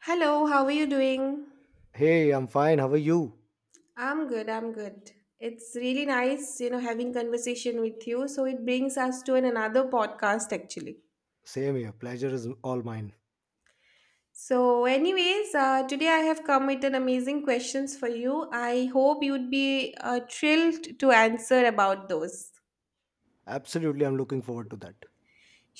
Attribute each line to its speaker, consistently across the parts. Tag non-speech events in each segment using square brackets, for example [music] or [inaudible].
Speaker 1: Hello, how are you doing?
Speaker 2: Hey, I'm fine. How are you?
Speaker 1: I'm good, I'm good. It's really nice, you know, having conversation with you. So it brings us to an another podcast actually.
Speaker 2: Same here. Pleasure is all mine.
Speaker 1: So anyways, today I have come with an amazing questions for you. I hope you'd be thrilled to answer about those.
Speaker 2: Absolutely, I'm looking forward to that.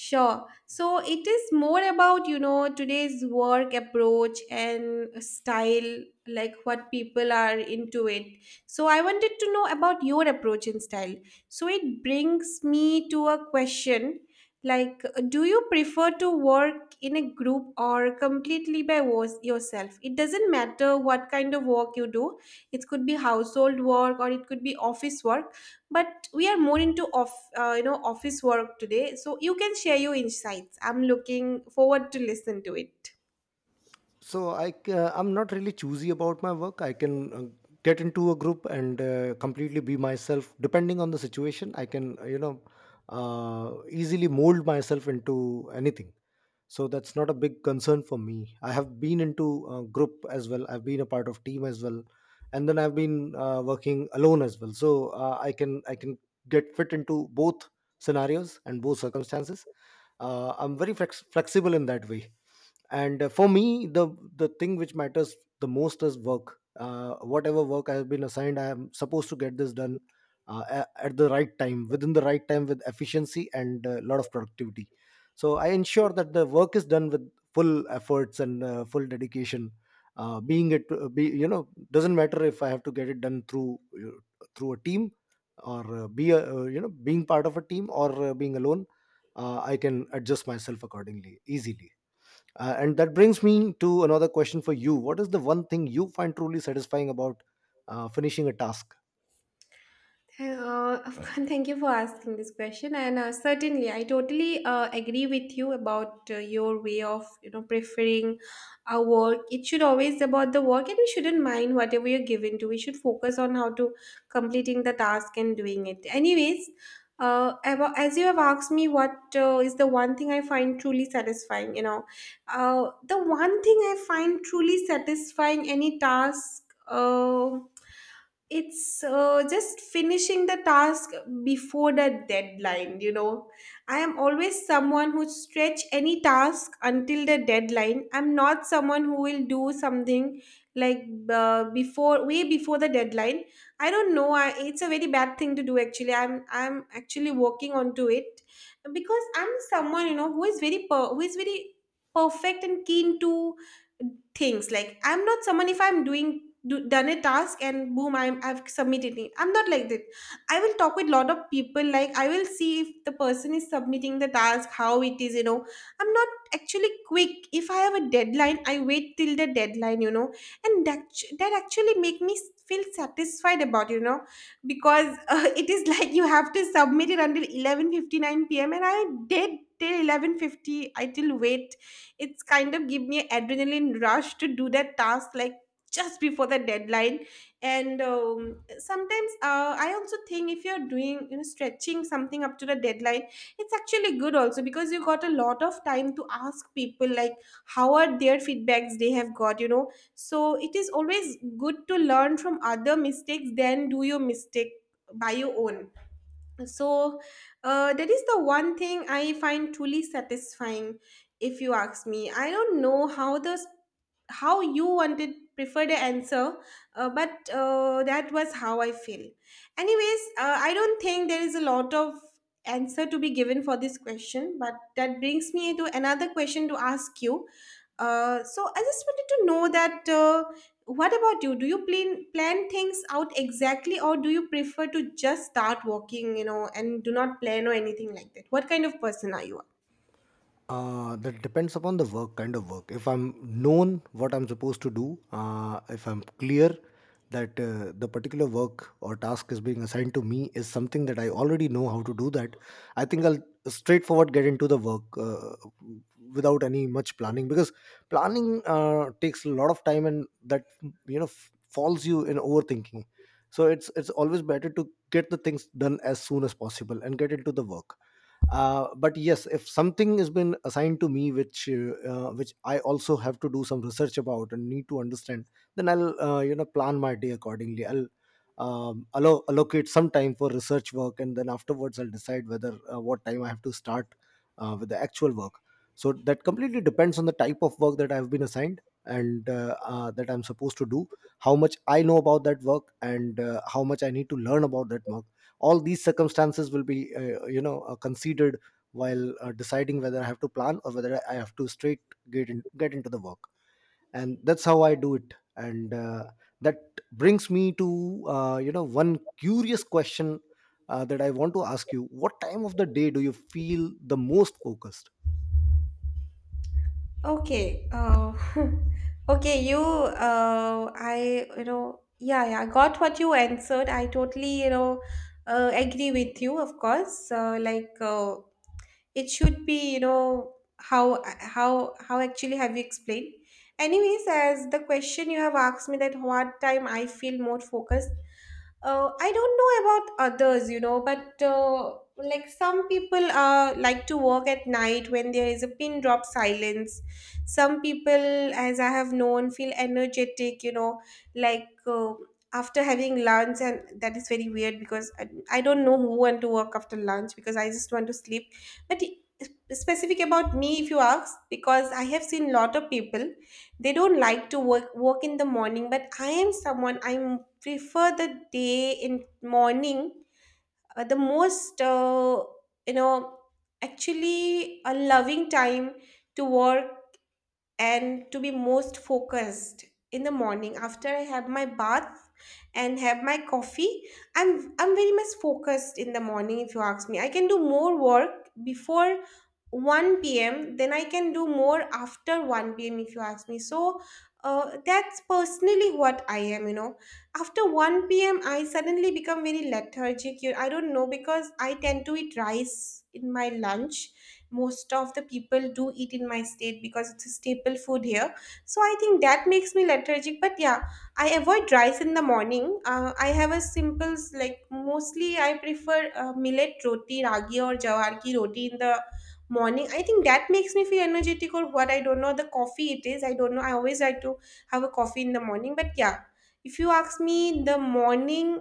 Speaker 1: Sure. So it is more about, you know, today's work approach and style, like what people are into it. So I wanted to know about your approach and style. So it brings me to a question like, do you prefer to work in a group or completely by yourself? It doesn't matter what kind of work you do, it could be household work or it could be office work, but we are more into off you know, office work today, so you can share your insights. I'm looking forward to listen to it.
Speaker 2: So I'm not really choosy about my work. I can get into a group and completely be myself. Depending on the situation, I can, easily mold myself into anything. So that's not a big concern for me. I have been into a group as well, I've been a part of team as well, and then I've been working alone as well. So I can get fit into both scenarios and both circumstances. I'm very flexible in that way. And for me, the thing which matters the most is work. Whatever work I have been assigned, I am supposed to get this done at the right time, within the right time, with efficiency and a lot of productivity. So I ensure that the work is done with full efforts and full dedication, being it be you know doesn't matter if I have to get it done through through a team, or be a, being part of a team, or being alone. I can adjust myself accordingly easily. And that brings me to another question for you: what is the one thing you find truly satisfying about finishing a task?
Speaker 1: Of course, thank you for asking this question, and certainly, I totally agree with you about your way of, you know, preferring our work. It should always about the work, and we shouldn't mind whatever you're given to. We should focus on how to completing the task and doing it. Anyways, as you have asked me, what is the one thing I find truly satisfying? You know, the one thing I find truly satisfying any task. It's just finishing the task before the deadline, you know. I am always someone who stretch any task until the deadline. I'm not someone who will do something like, before way before the deadline. I don't know, it's a very bad thing to do actually. I'm actually working onto it, because I'm someone, you know, who is who is very perfect and keen to things. Like, I'm not someone, if I'm done a task and boom, I've submitted it. I'm not like that. I will talk with lot of people, like I will see if the person is submitting the task how it is, you know. I'm not actually quick. If I have a deadline, I wait till the deadline, you know. And that actually make me feel satisfied about, you know. Because [laughs] it is like you have to submit it until 11:59 p.m. and I did till 11:50. I till wait. It's kind of give me an adrenaline rush to do that task, like just before the deadline. And sometimes I also think, if you're doing, you know, stretching something up to the deadline, it's actually good also, because you got a lot of time to ask people, like how are their feedbacks they have got, you know. So it is always good to learn from other mistakes than do your mistake by your own. So that is the one thing I find truly satisfying, if you ask me. I don't know how the how you wanted prefer the answer. But that was how I feel. Anyways, I don't think there is a lot of answer to be given for this question, but that brings me to another question to ask you. So I just wanted to know that, what about you? Do you plan things out exactly, or do you prefer to just start walking, you know, and do not plan or anything like that? What kind of person are you?
Speaker 2: That depends upon the work, kind of work. If I'm known what I'm supposed to do, if I'm clear that the particular work or task is being assigned to me is something that I already know how to do that, I think I'll straightforward get into the work, without any much planning, because planning takes a lot of time, and that, you know, falls you in overthinking. So it's always better to get the things done as soon as possible and get into the work. But yes, if something has been assigned to me which I also have to do some research about and need to understand, then I'll, plan my day accordingly. I'll allocate some time for research work, and then afterwards I'll decide whether what time I have to start with the actual work. So that completely depends on the type of work that I've been assigned and that I'm supposed to do, how much I know about that work and how much I need to learn about that work. All these circumstances will be, considered while deciding whether I have to plan or whether I have to straight get into the work. And that's how I do it. And that brings me to, one curious question that I want to ask you: what time of the day do you feel the most focused?
Speaker 1: Okay. [laughs] Okay, you I you know yeah, yeah, I got what you answered. I totally, you know, agree with you, of course. Like, it should be, you know, how actually have you explained? Anyways, as the question you have asked me, that what time I feel more focused. I don't know about others, you know, but like some people like to work at night when there is a pin drop silence. Some people, as I have known, feel energetic, you know, like, after having lunch, and that is very weird because I don't know who want to work after lunch, because I just want to sleep. But specific about me, if you ask, because I have seen lot of people, they don't like to work in the morning. But I am someone, I'm prefer the day in morning, the most. You know, actually a loving time to work and to be most focused, in the morning after I have my bath and have my coffee. I'm very much focused in the morning. If you ask me, I can do more work before 1 p.m. then I can do more after 1 p.m., if you ask me. So that's personally what I am, you know. After 1 p.m, I suddenly become very lethargic. I don't know, because I tend to eat rice in my lunch. Most of the people do eat in my state, because it's a staple food here. So I think that makes me lethargic, but yeah, I avoid rice in the morning. I have a simple like mostly I prefer millet roti, ragi or jawar ki roti in the morning. I think that makes me feel energetic, or what, I don't know. The coffee it is, I don't know. I always like to have a coffee in the morning. But yeah, if you ask me, in the morning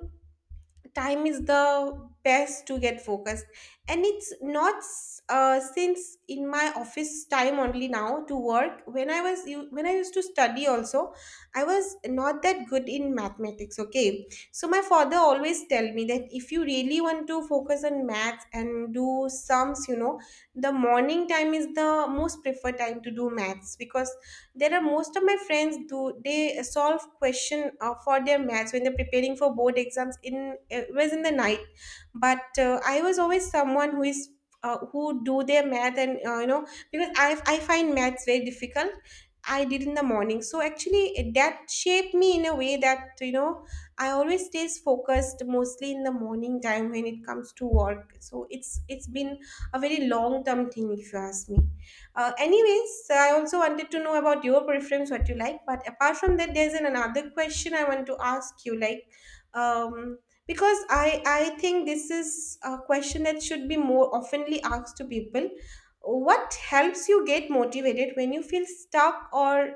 Speaker 1: time is the best to get focused. And it's not since in my office time only now to work. When I was when I used to study also, I was not that good in mathematics, okay. So my father always tell me that, if you really want to focus on maths and do sums, you know, the morning time is the most preferred time to do maths. Because there are most of my friends do, they solve question for their maths when they're preparing for board exams. In it was in the night, but I was always someone who is. Who do their math, and you know, because I find maths very difficult, I did in the morning. So actually, that shaped me in a way that, you know, I always stays focused mostly in the morning time when it comes to work. So it's been a very long term thing, if you ask me. Anyways, I also wanted to know about your preference, what you like. But apart from that, there's another question I want to ask you, like, um, because I think this is a question that should be more oftenly asked to people. What helps you get motivated when you feel stuck or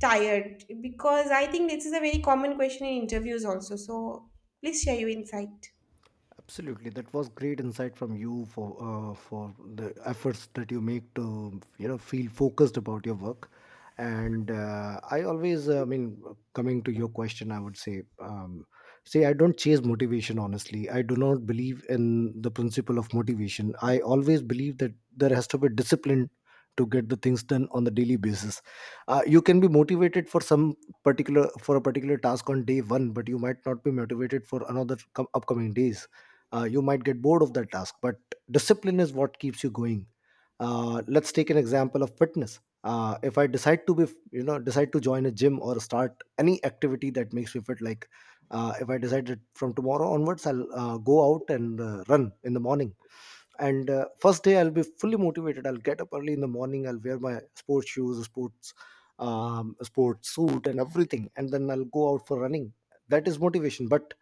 Speaker 1: tired? Because I think this is a very common question in interviews also. So please share your insight.
Speaker 2: Absolutely, that was great insight from you for the efforts that you make to, you know, feel focused about your work. And I always, I mean, coming to your question, I would say, see, I don't chase motivation. Honestly, I do not believe in the principle of motivation. I always believe that there has to be discipline to get the things done on the daily basis. You can be motivated for some particular for a particular task on day one, but you might not be motivated for another upcoming days. You might get bored of that task, but discipline is what keeps you going. Let's take an example of fitness. If I decide to be, you know, decide to join a gym or start any activity that makes me fit, like, if I decide that from tomorrow onwards I'll go out and run in the morning, and first day I'll be fully motivated, I'll get up early in the morning, I'll wear my sports shoes, sports, sports suit and everything, and then I'll go out for running. That is motivation. But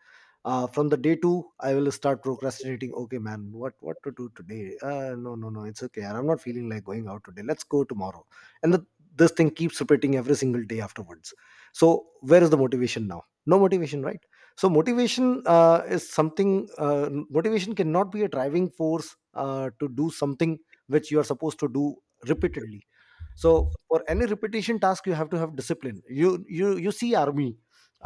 Speaker 2: from the day two, I will start procrastinating. Okay, man, what to do today? No, no, no, it's okay, I'm not feeling like going out today, let's go tomorrow. and the, this thing keeps repeating every single day afterwards. So where is the motivation now? No motivation, right? So motivation is something motivation cannot be a driving force to do something which you are supposed to do repeatedly. So for any repetition task, you have to have discipline. You see, army,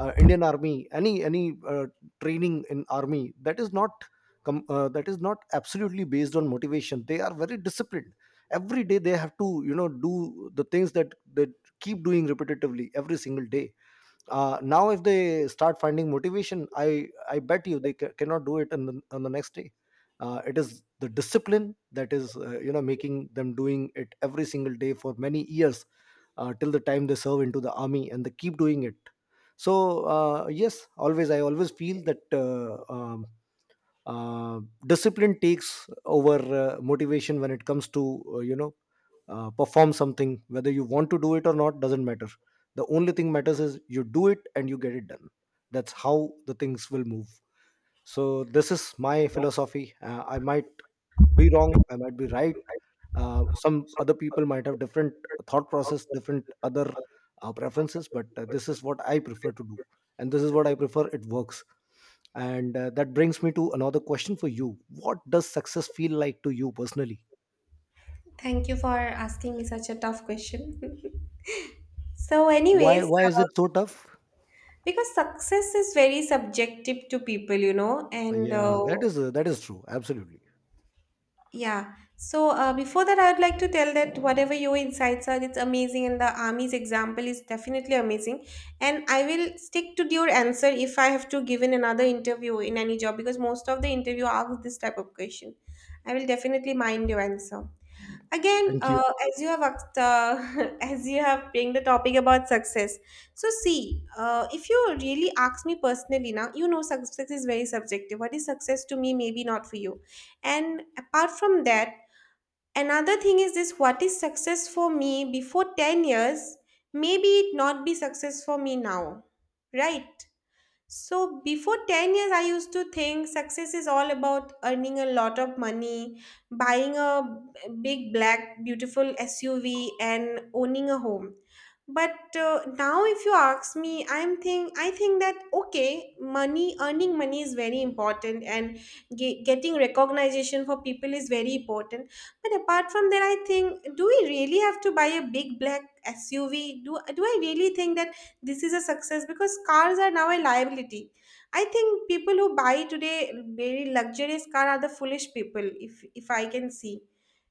Speaker 2: Indian army, any uh, training in army, that is not that is not absolutely based on motivation. They are very disciplined. Every day they have to, you know, do the things that they keep doing repetitively every single day. Now if they start finding motivation, I bet you they cannot do it in on the next day. It is the discipline that is, making them doing it every single day for many years, till the time they serve into the army, and they keep doing it. So yes, always I always feel that uh, discipline takes over motivation when it comes to, perform something. Whether you want to do it or not doesn't matter. The only thing matters is you do it and you get it done. That's how the things will move. So this is my philosophy. I might be wrong, I might be right. Some other people might have different thought process, different other preferences, but this is what I prefer to do, and this is what I prefer, it works. And that brings me to another question for you: what does success feel like to you personally?
Speaker 1: Thank you for asking me such a tough question. [laughs] So,
Speaker 2: why
Speaker 1: anyways,
Speaker 2: why is it so tough?
Speaker 1: because success is very subjective to people, you know. And
Speaker 2: Yeah, that is, that is true, absolutely.
Speaker 1: yeah. So before that, I would like to tell that whatever your insights are, it's amazing, and the army's example is definitely amazing. And I will stick to your answer if I have to give in another interview in any job, because most of the interview asks this type of question. I will definitely mind your answer again.
Speaker 2: Thank you.
Speaker 1: As you have asked, [laughs] as you have bring the topic about success, so see, if you really ask me personally now, you know, success is very subjective. What is success to me, maybe not for you. And apart from that, another thing is this: what is success for me before 10 years maybe it not be success for me now, right? So before 10 years, I used to think success is all about earning a lot of money, buying a big black beautiful SUV and owning a home. But now if you ask me, I think that okay, money, earning money is very important, and getting recognition for people is very important. But apart from that, I think, do we really have to buy a big black SUV? Do I really think that this is a success, because cars are now a liability. I think people who buy today very luxurious car are the foolish people, if I can see.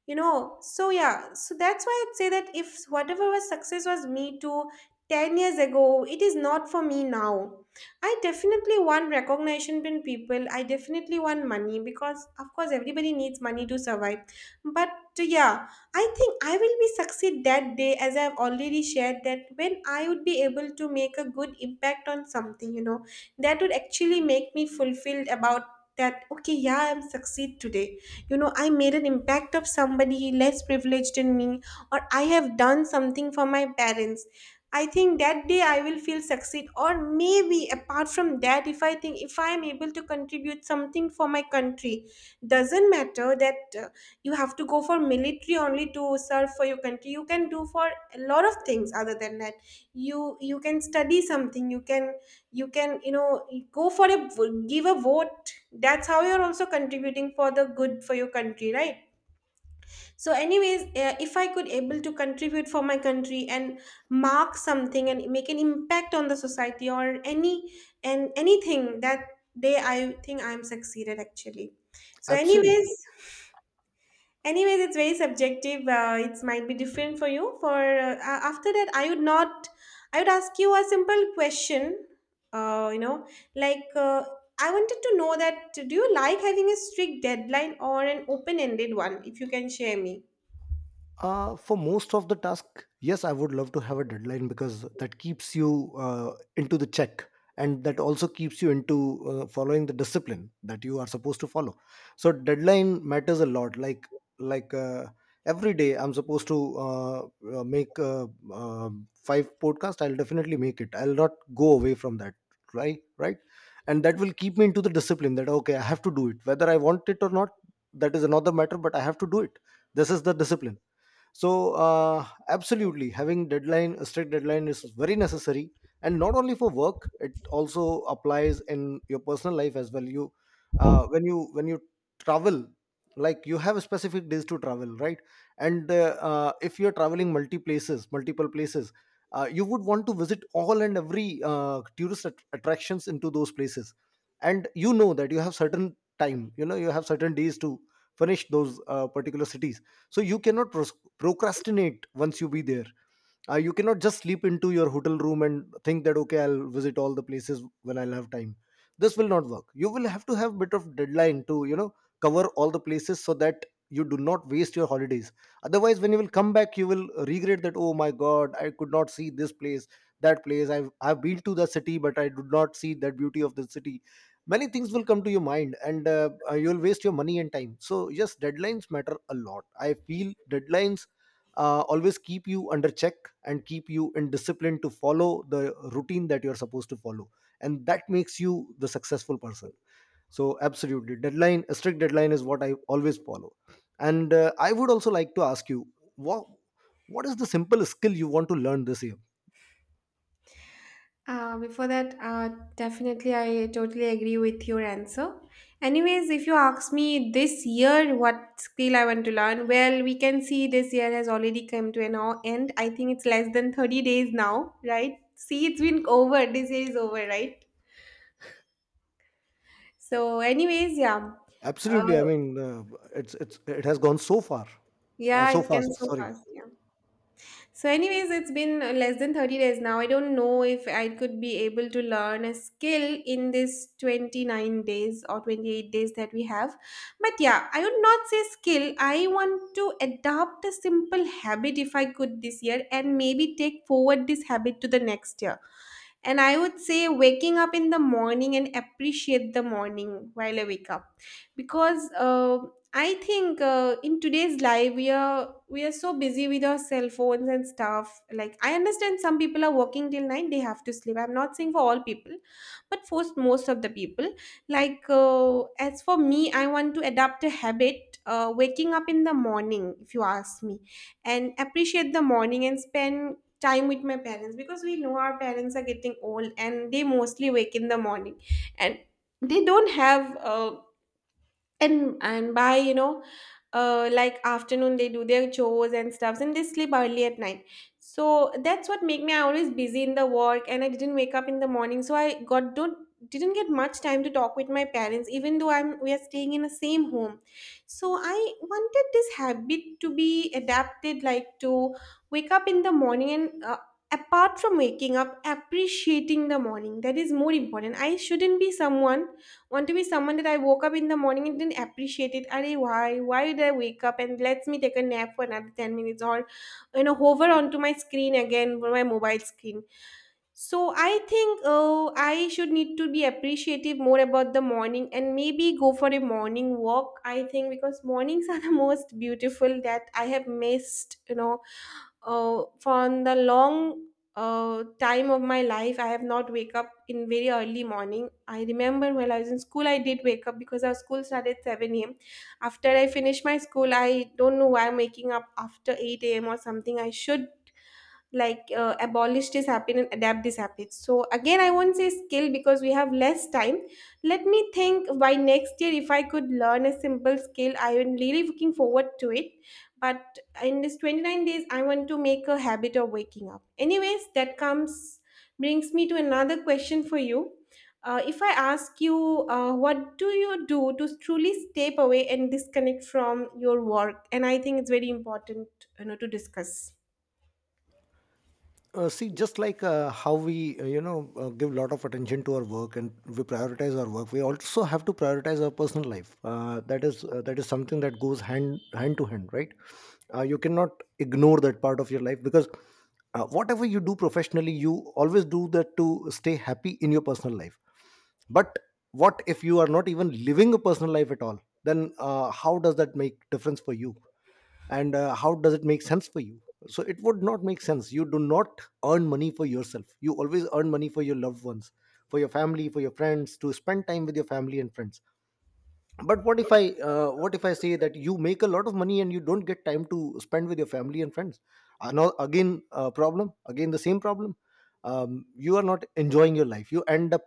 Speaker 1: You know, so yeah, so that's why I'd say that if whatever was success was me too 10 years ago, it is not for me now. I definitely want recognition from people. I definitely want money, because, of course, everybody needs money to survive. But yeah, I think I will be succeed that day as I have already shared that when I would be able to make a good impact on something, that would actually make me fulfilled about that. Okay, yeah, I'm succeed today. You know, I made an impact of somebody less privileged than me, or I have done something for my parents. I think that day I will feel succeed. Or maybe apart from that, if I think, if I am able to contribute something for my country, doesn't matter that you have to go for military only to serve for your country. You can do for a lot of things other than that. You can study something, you can, you can, go for a, give a vote. That's how you're also contributing for the good for your country, right? So anyways, if I could able to contribute for my country and mark something and make an impact on the society or any, and anything, that day I think I'm succeeded, actually. So
Speaker 2: Absolutely.
Speaker 1: anyways, anyways, it's very subjective. It might be different for you. For after that, I would not, I would ask you a simple question. uh, you know like uh, I wanted to know that, do you like having a strict deadline or an open ended one, if you can share me?
Speaker 2: For most of the task, yes, I would love to have a deadline, because that keeps you into the check, and that also keeps you into following the discipline that you are supposed to follow. So deadline matters a lot. Like, every day, I'm supposed to make five podcast. I'll definitely make it. I'll not go away from that. Right, right, and that will keep me into the discipline that okay, I have to do it, whether I want it or not. That is another matter, but I have to do it. This is the discipline. So absolutely, having deadline, a strict deadline, is very necessary. And not only for work, it also applies in your personal life as well. You, when you when you travel, like, you have specific days to travel, right? And if you're traveling multiple places, you would want to visit all and every tourist attractions into those places. And you know that you have certain time, you know, you have certain days to finish those particular cities. So you cannot procrastinate once you be there. You cannot just sleep into your hotel room and think that okay, I'll visit all the places when I'll have time. This will not work. You will have to have bit of deadline to, you know, cover all the places so that you do not waste your holidays. Otherwise when you will come back, you will regret that, oh my god, I could not see this place, that place. I've been to the city, but I did not see that beauty of the city. Many things will come to your mind, and you'll waste your money and time. So yes, deadlines matter a lot. I feel deadlines always keep you under check and keep you in discipline to follow the routine that you're supposed to follow, and that makes you the successful person. So absolutely, deadline, a strict deadline is what I always follow. And I would also like to ask you what is the simple skill you want to learn this year?
Speaker 1: Before that, definitely, I totally agree with your answer. Anyways, if you ask me this year what skill I want to learn, well, we can see this year has already come to an end. I think it's less than 30 days now, right? See, it's been over. This year is over, right? So, anyways, yeah. Uh,
Speaker 2: Absolutely, I mean, it's it has gone so far,
Speaker 1: yeah,
Speaker 2: so
Speaker 1: it can
Speaker 2: fast,
Speaker 1: so
Speaker 2: sorry.
Speaker 1: fast. Yeah. So, anyways, it's been less than 30 days now. I don't know if I could be able to learn a skill in this 29 days or 28 days that we have. But yeah, I would not say skill. I want to adopt a simple habit if I could this year, and maybe take forward this habit to the next year. And I would say waking up in the morning and appreciate the morning while I wake up. Because I think in today's life, we are so busy with our cell phones and stuff. Like, I understand some people are working till nine; they have to sleep. I'm not saying for all people, but for most of the people, like uh, as for me, I want to adapt a habit, waking up in the morning, if you ask me. And appreciate the morning and spend time with my parents, because we know our parents are getting old and they mostly wake in the morning. And they don't have and by, like afternoon they do their chores and stuffs and they sleep early at night. So that's what make me, I always busy in the work, and I didn't wake up in the morning, so I got don't, didn't get much time to talk with my parents, even though I'm, we are staying in the same home. So I wanted this habit to be adapted, like to wake up in the morning and apart from waking up, appreciating the morning, that is more important. I shouldn't be someone, want to be someone that I woke up in the morning and didn't appreciate it. Are why? Why did I wake up and lets me take a nap for another 10 minutes or hover onto my screen again for my mobile screen. So I think I should need to be appreciative more about the morning and maybe go for a morning walk. I think because mornings are the [laughs] most beautiful that I have missed. For the long time of my life, I have not wake up in very early morning. I remember while I was in school, I did wake up because our school started at 7 a.m. After I finished my school, I don't know why I'm waking up after 8 a.m or something. I should, abolish this habit and adapt this habit. So again, I won't say skill because we have less time. Let me think, by next year, if I could learn a simple skill, I am really looking forward to it. But in this 29 days, I want to make a habit of waking up. Anyways, that comes, brings me to another question for you. If I ask you, what do you do to truly step away and disconnect from your work? And I think it's very important, you know, to discuss.
Speaker 2: See, just like how we, give a lot of attention to our work and we prioritize our work, we also have to prioritize our personal life. That is, that is something that goes hand hand to hand, right? You cannot ignore that part of your life, because whatever you do professionally, you always do that to stay happy in your personal life. But what if you are not even living a personal life at all? Then how does that make difference for you? And how does it make sense for you? So it would not make sense. You do not earn money for yourself, you always earn money for your loved ones, for your family, for your friends, to spend time with your family and friends. But what if I say that you make a lot of money and you don't get time to spend with your family and friends? Uh, no, again, problem, again the same problem. You are not enjoying your life, you end up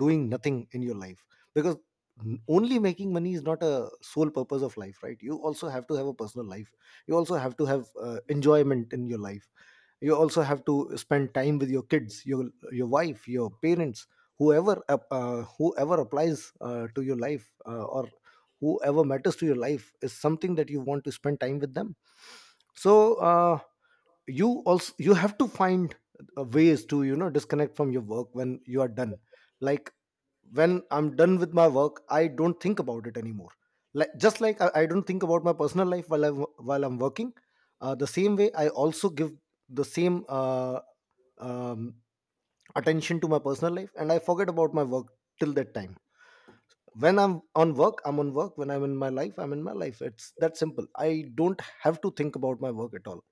Speaker 2: doing nothing in your life, because only making money is not a sole purpose of life, right? You also have to have a personal life, you also have to have enjoyment in your life, you also have to spend time with your kids, your wife, your parents, whoever applies to your life, or whoever matters to your life is something that you want to spend time with them. So, uh, you also, you have to find ways to, you know, disconnect from your work when you are done. Like, when I'm done with my work, I don't think about it anymore. Like, just like I don't think about my personal life while I'm working. Uh, the same way I also give the same um, attention to my personal life and I forget about my work till that time. When I'm on work, I'm on work. When I'm in my life, I'm in my life. It's that simple, I don't have to think about my work at all.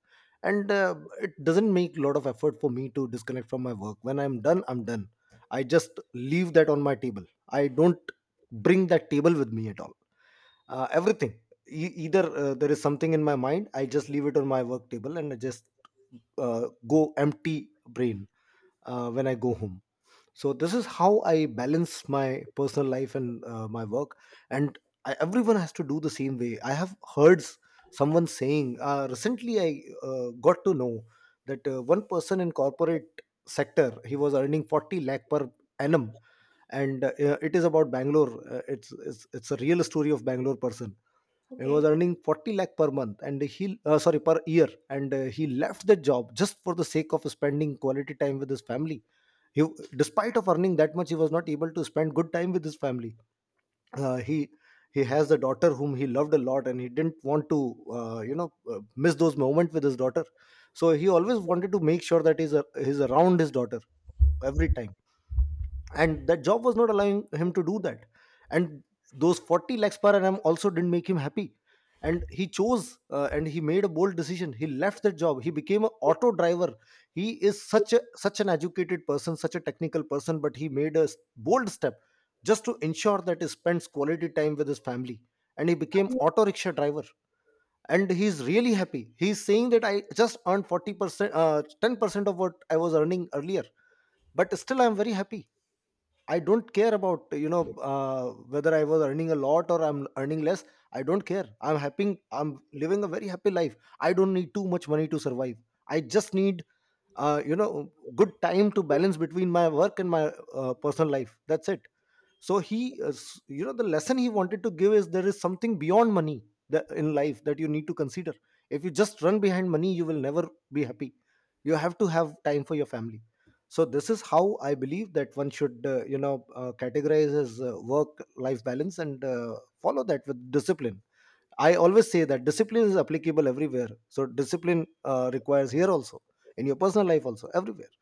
Speaker 2: And it doesn't make a lot of effort for me to disconnect from my work. When I'm done, I'm done. I just leave that on my table, I don't bring that table with me at all. Everything, either there is something in my mind, I just leave it on my work table and I just, go empty brain when I go home. So this is how I balance my personal life and my work. And everyone has to do the same way. I have heard someone saying, recently I got to know that, one person in corporate sector, he was earning 40 lakh per annum, and it is about Bangalore. It's it's a real story of Bangalore person. He was
Speaker 1: Okay.
Speaker 2: earning 40 lakh per month, and he, sorry, per year, and he left the job just for the sake of spending quality time with his family. He, despite of earning that much, he was not able to spend good time with his family. Uh, he has a daughter whom he loved a lot, and he didn't want to, uh, you know uh, miss those moments with his daughter. So he always wanted to make sure that he's around his daughter every time, and that job was not allowing him to do that. And those 40 lakhs per annum also didn't make him happy. And he chose, and he made a bold decision. He left that job, he became an auto driver. He is such an educated person, such a technical person, but he made a bold step just to ensure that he spends quality time with his family. And he became auto rickshaw driver. And he's really happy. He's saying that, I just earned 40% uh, 10% of what I was earning earlier, but still I'm very happy. I don't care about, whether I was earning a lot or I'm earning less. I don't care. I'm happy, I'm living a very happy life. I don't need too much money to survive. I just need, good time to balance between my work and my personal life. That's it. So he, the lesson he wanted to give is, there is something beyond money that in life that you need to consider. If you just run behind money, you will never be happy. You have to have time for your family. So this is how I believe that one should, categorize his work life balance and follow that with discipline. I always say that discipline is applicable everywhere. So discipline requires here also, in your personal life also, everywhere.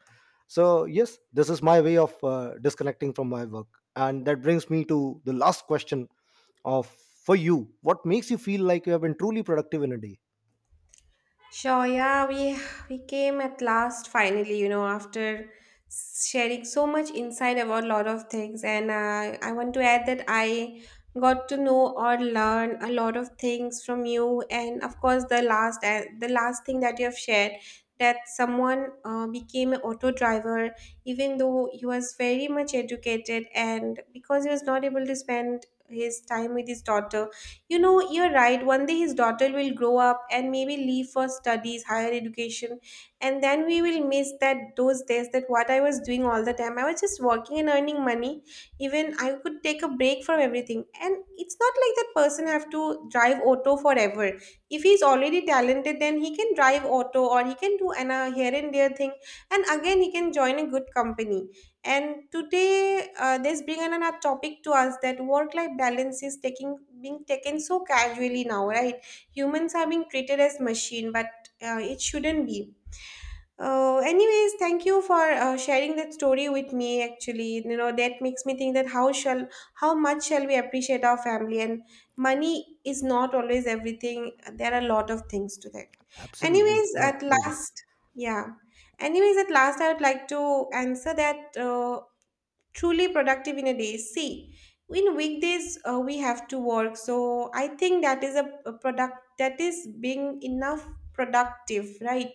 Speaker 2: So, yes, this is my way of disconnecting from my work. And that brings me to the last question of, for you, what makes you feel like you have been truly productive in a day?
Speaker 1: Sure, yeah, we came at last finally, you know, after sharing so much insight about a lot of things, and I want to add that I got to know or learn a lot of things from you, and of course, the last thing that you have shared, that someone became an auto driver, even though he was very much educated, and because he was not able to spend his time with his daughter. You know, you're right. One day his daughter will grow up and maybe leave for studies, higher education, and then we will miss that, those days, that what I was doing all the time. I was just working and earning money. Even I could take a break from everything. And it's not like that person have to drive auto forever. If he's already talented, then he can drive auto, or he can do an, a here and there thing. And again, he can join a good company. And today, there's bring another topic to us, that work-life balance is taking, being taken so casually now, right? Humans are being treated as machine, but it shouldn't be. Anyways, thank you for sharing that story with me. Actually, you know, that makes me think that how shall, how much shall we appreciate our family? And money is not always everything. There are a lot of things to that.
Speaker 2: Absolutely, it's
Speaker 1: Anyways,
Speaker 2: my
Speaker 1: at
Speaker 2: pleasure.
Speaker 1: last, yeah. Anyways, at last, I would like to answer that. Truly productive in a day. See, in weekdays we have to work, so I think that is a product that is being enough productive, right?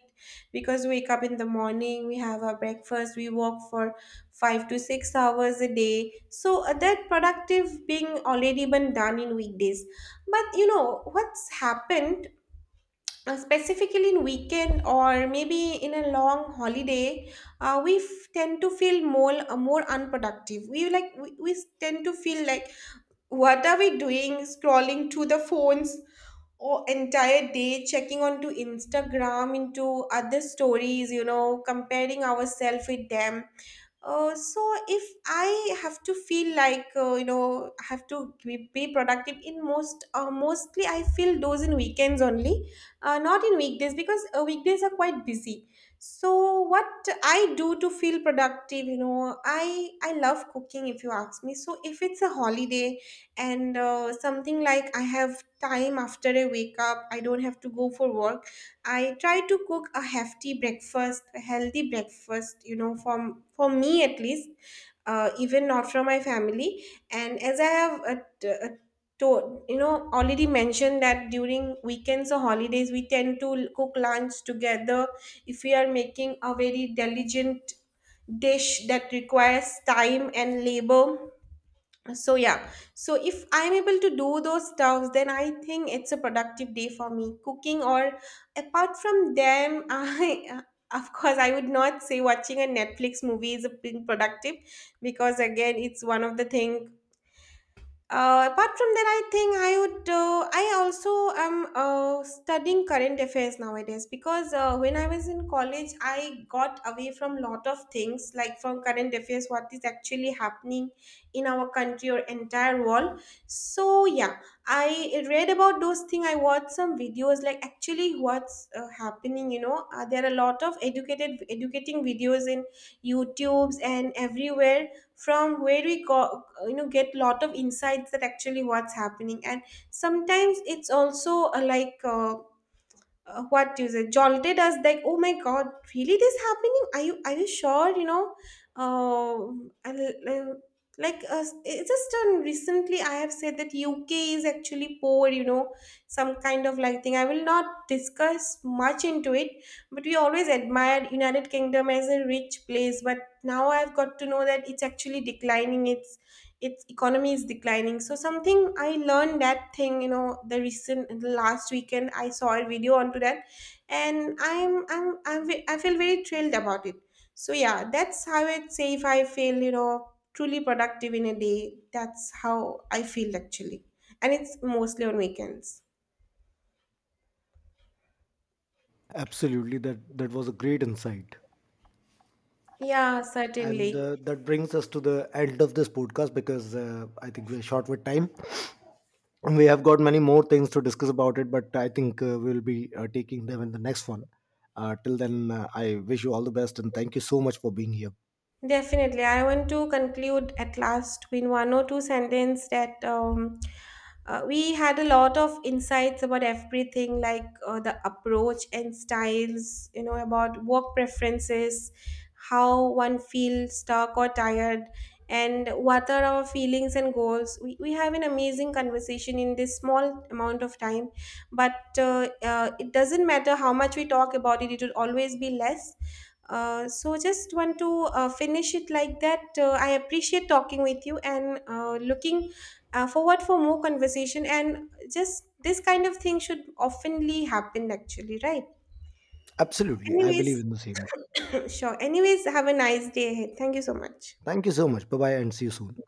Speaker 1: Because we wake up in the morning, we have our breakfast, we work for 5 to 6 hours a day. So that productive being already been done in weekdays. But you know what's happened, specifically in weekend or maybe in a long holiday, we tend to feel more more unproductive. We like, we tend to feel like, what are we doing, scrolling through the phones, or entire day checking onto Instagram, into other stories, you know, comparing ourselves with them. So if I have to feel like, I have to be productive in most, mostly I feel those in weekends only, not in weekdays because weekdays are quite busy. So what I do to feel productive, you know, I love cooking if you ask me. So if it's a holiday and something like I have time after I wake up, I don't have to go for work, I try to cook a hefty breakfast, a healthy breakfast, you know, from, for me at least, even not from my family. And as I have a to, you know, already mentioned that during weekends or holidays we tend to cook lunch together. If we are making a very diligent dish that requires time and labor. So yeah, so if I'm able to do those stuffs, then I think it's a productive day for me, cooking. Or apart from them, I [laughs] of course I would not say watching a Netflix movie is a being productive, because again, it's one of the thing. Apart from that, I think I would. I also am studying current affairs nowadays, because when I was in college, I got away from lot of things, like from current affairs, what is actually happening in our country or entire world. So yeah, I read about those things. I watched some videos like actually what's happening. You know, there are a lot of educated educating videos in YouTube's and everywhere, from where we go, you know, get lot of insights that actually what's happening. And sometimes it's also what do you say, jolted us, like oh my god, really this happening, are you sure, you know. And, uh, like It's just, recently I have said that UK is actually poor, you know, some kind of like thing, I will not discuss much into it. But we always admired United Kingdom as a rich place, but now I've got to know that it's actually declining, it's, its economy is declining. So something I learned, that thing, you know, the recent, the last weekend I saw a video onto that, and I'm I feel very thrilled about it. So yeah, that's how I'd say, if I feel, you know, truly productive in a day, that's how I feel, actually. And it's mostly on weekends.
Speaker 2: Absolutely, that, that was a great insight.
Speaker 1: Yeah,
Speaker 2: And
Speaker 1: certainly.
Speaker 2: that brings us to the end of this podcast, because I think we're short with time. We have got many more things to discuss about it, but I think we'll be taking them in the next one. Till then, I wish you all the best, and thank you so much for being here.
Speaker 1: Definitely. I want to conclude at last in one or two sentence, that we had a lot of insights about everything, like the approach and styles, you know, about work preferences, how one feels stuck or tired, and what are our feelings and goals. We have an amazing conversation in this small amount of time, but it doesn't matter how much we talk about it, it will always be less. So just want to finish it like that. I appreciate talking with you and looking forward for more conversation. And just this kind of thing should oftenly happen, actually, right?
Speaker 2: Absolutely, I believe
Speaker 1: Anyways,
Speaker 2: in the same.
Speaker 1: [clears throat] sure. Anyways, have a nice day ahead. Thank you so much.
Speaker 2: Thank you so much. Bye bye, and see you soon.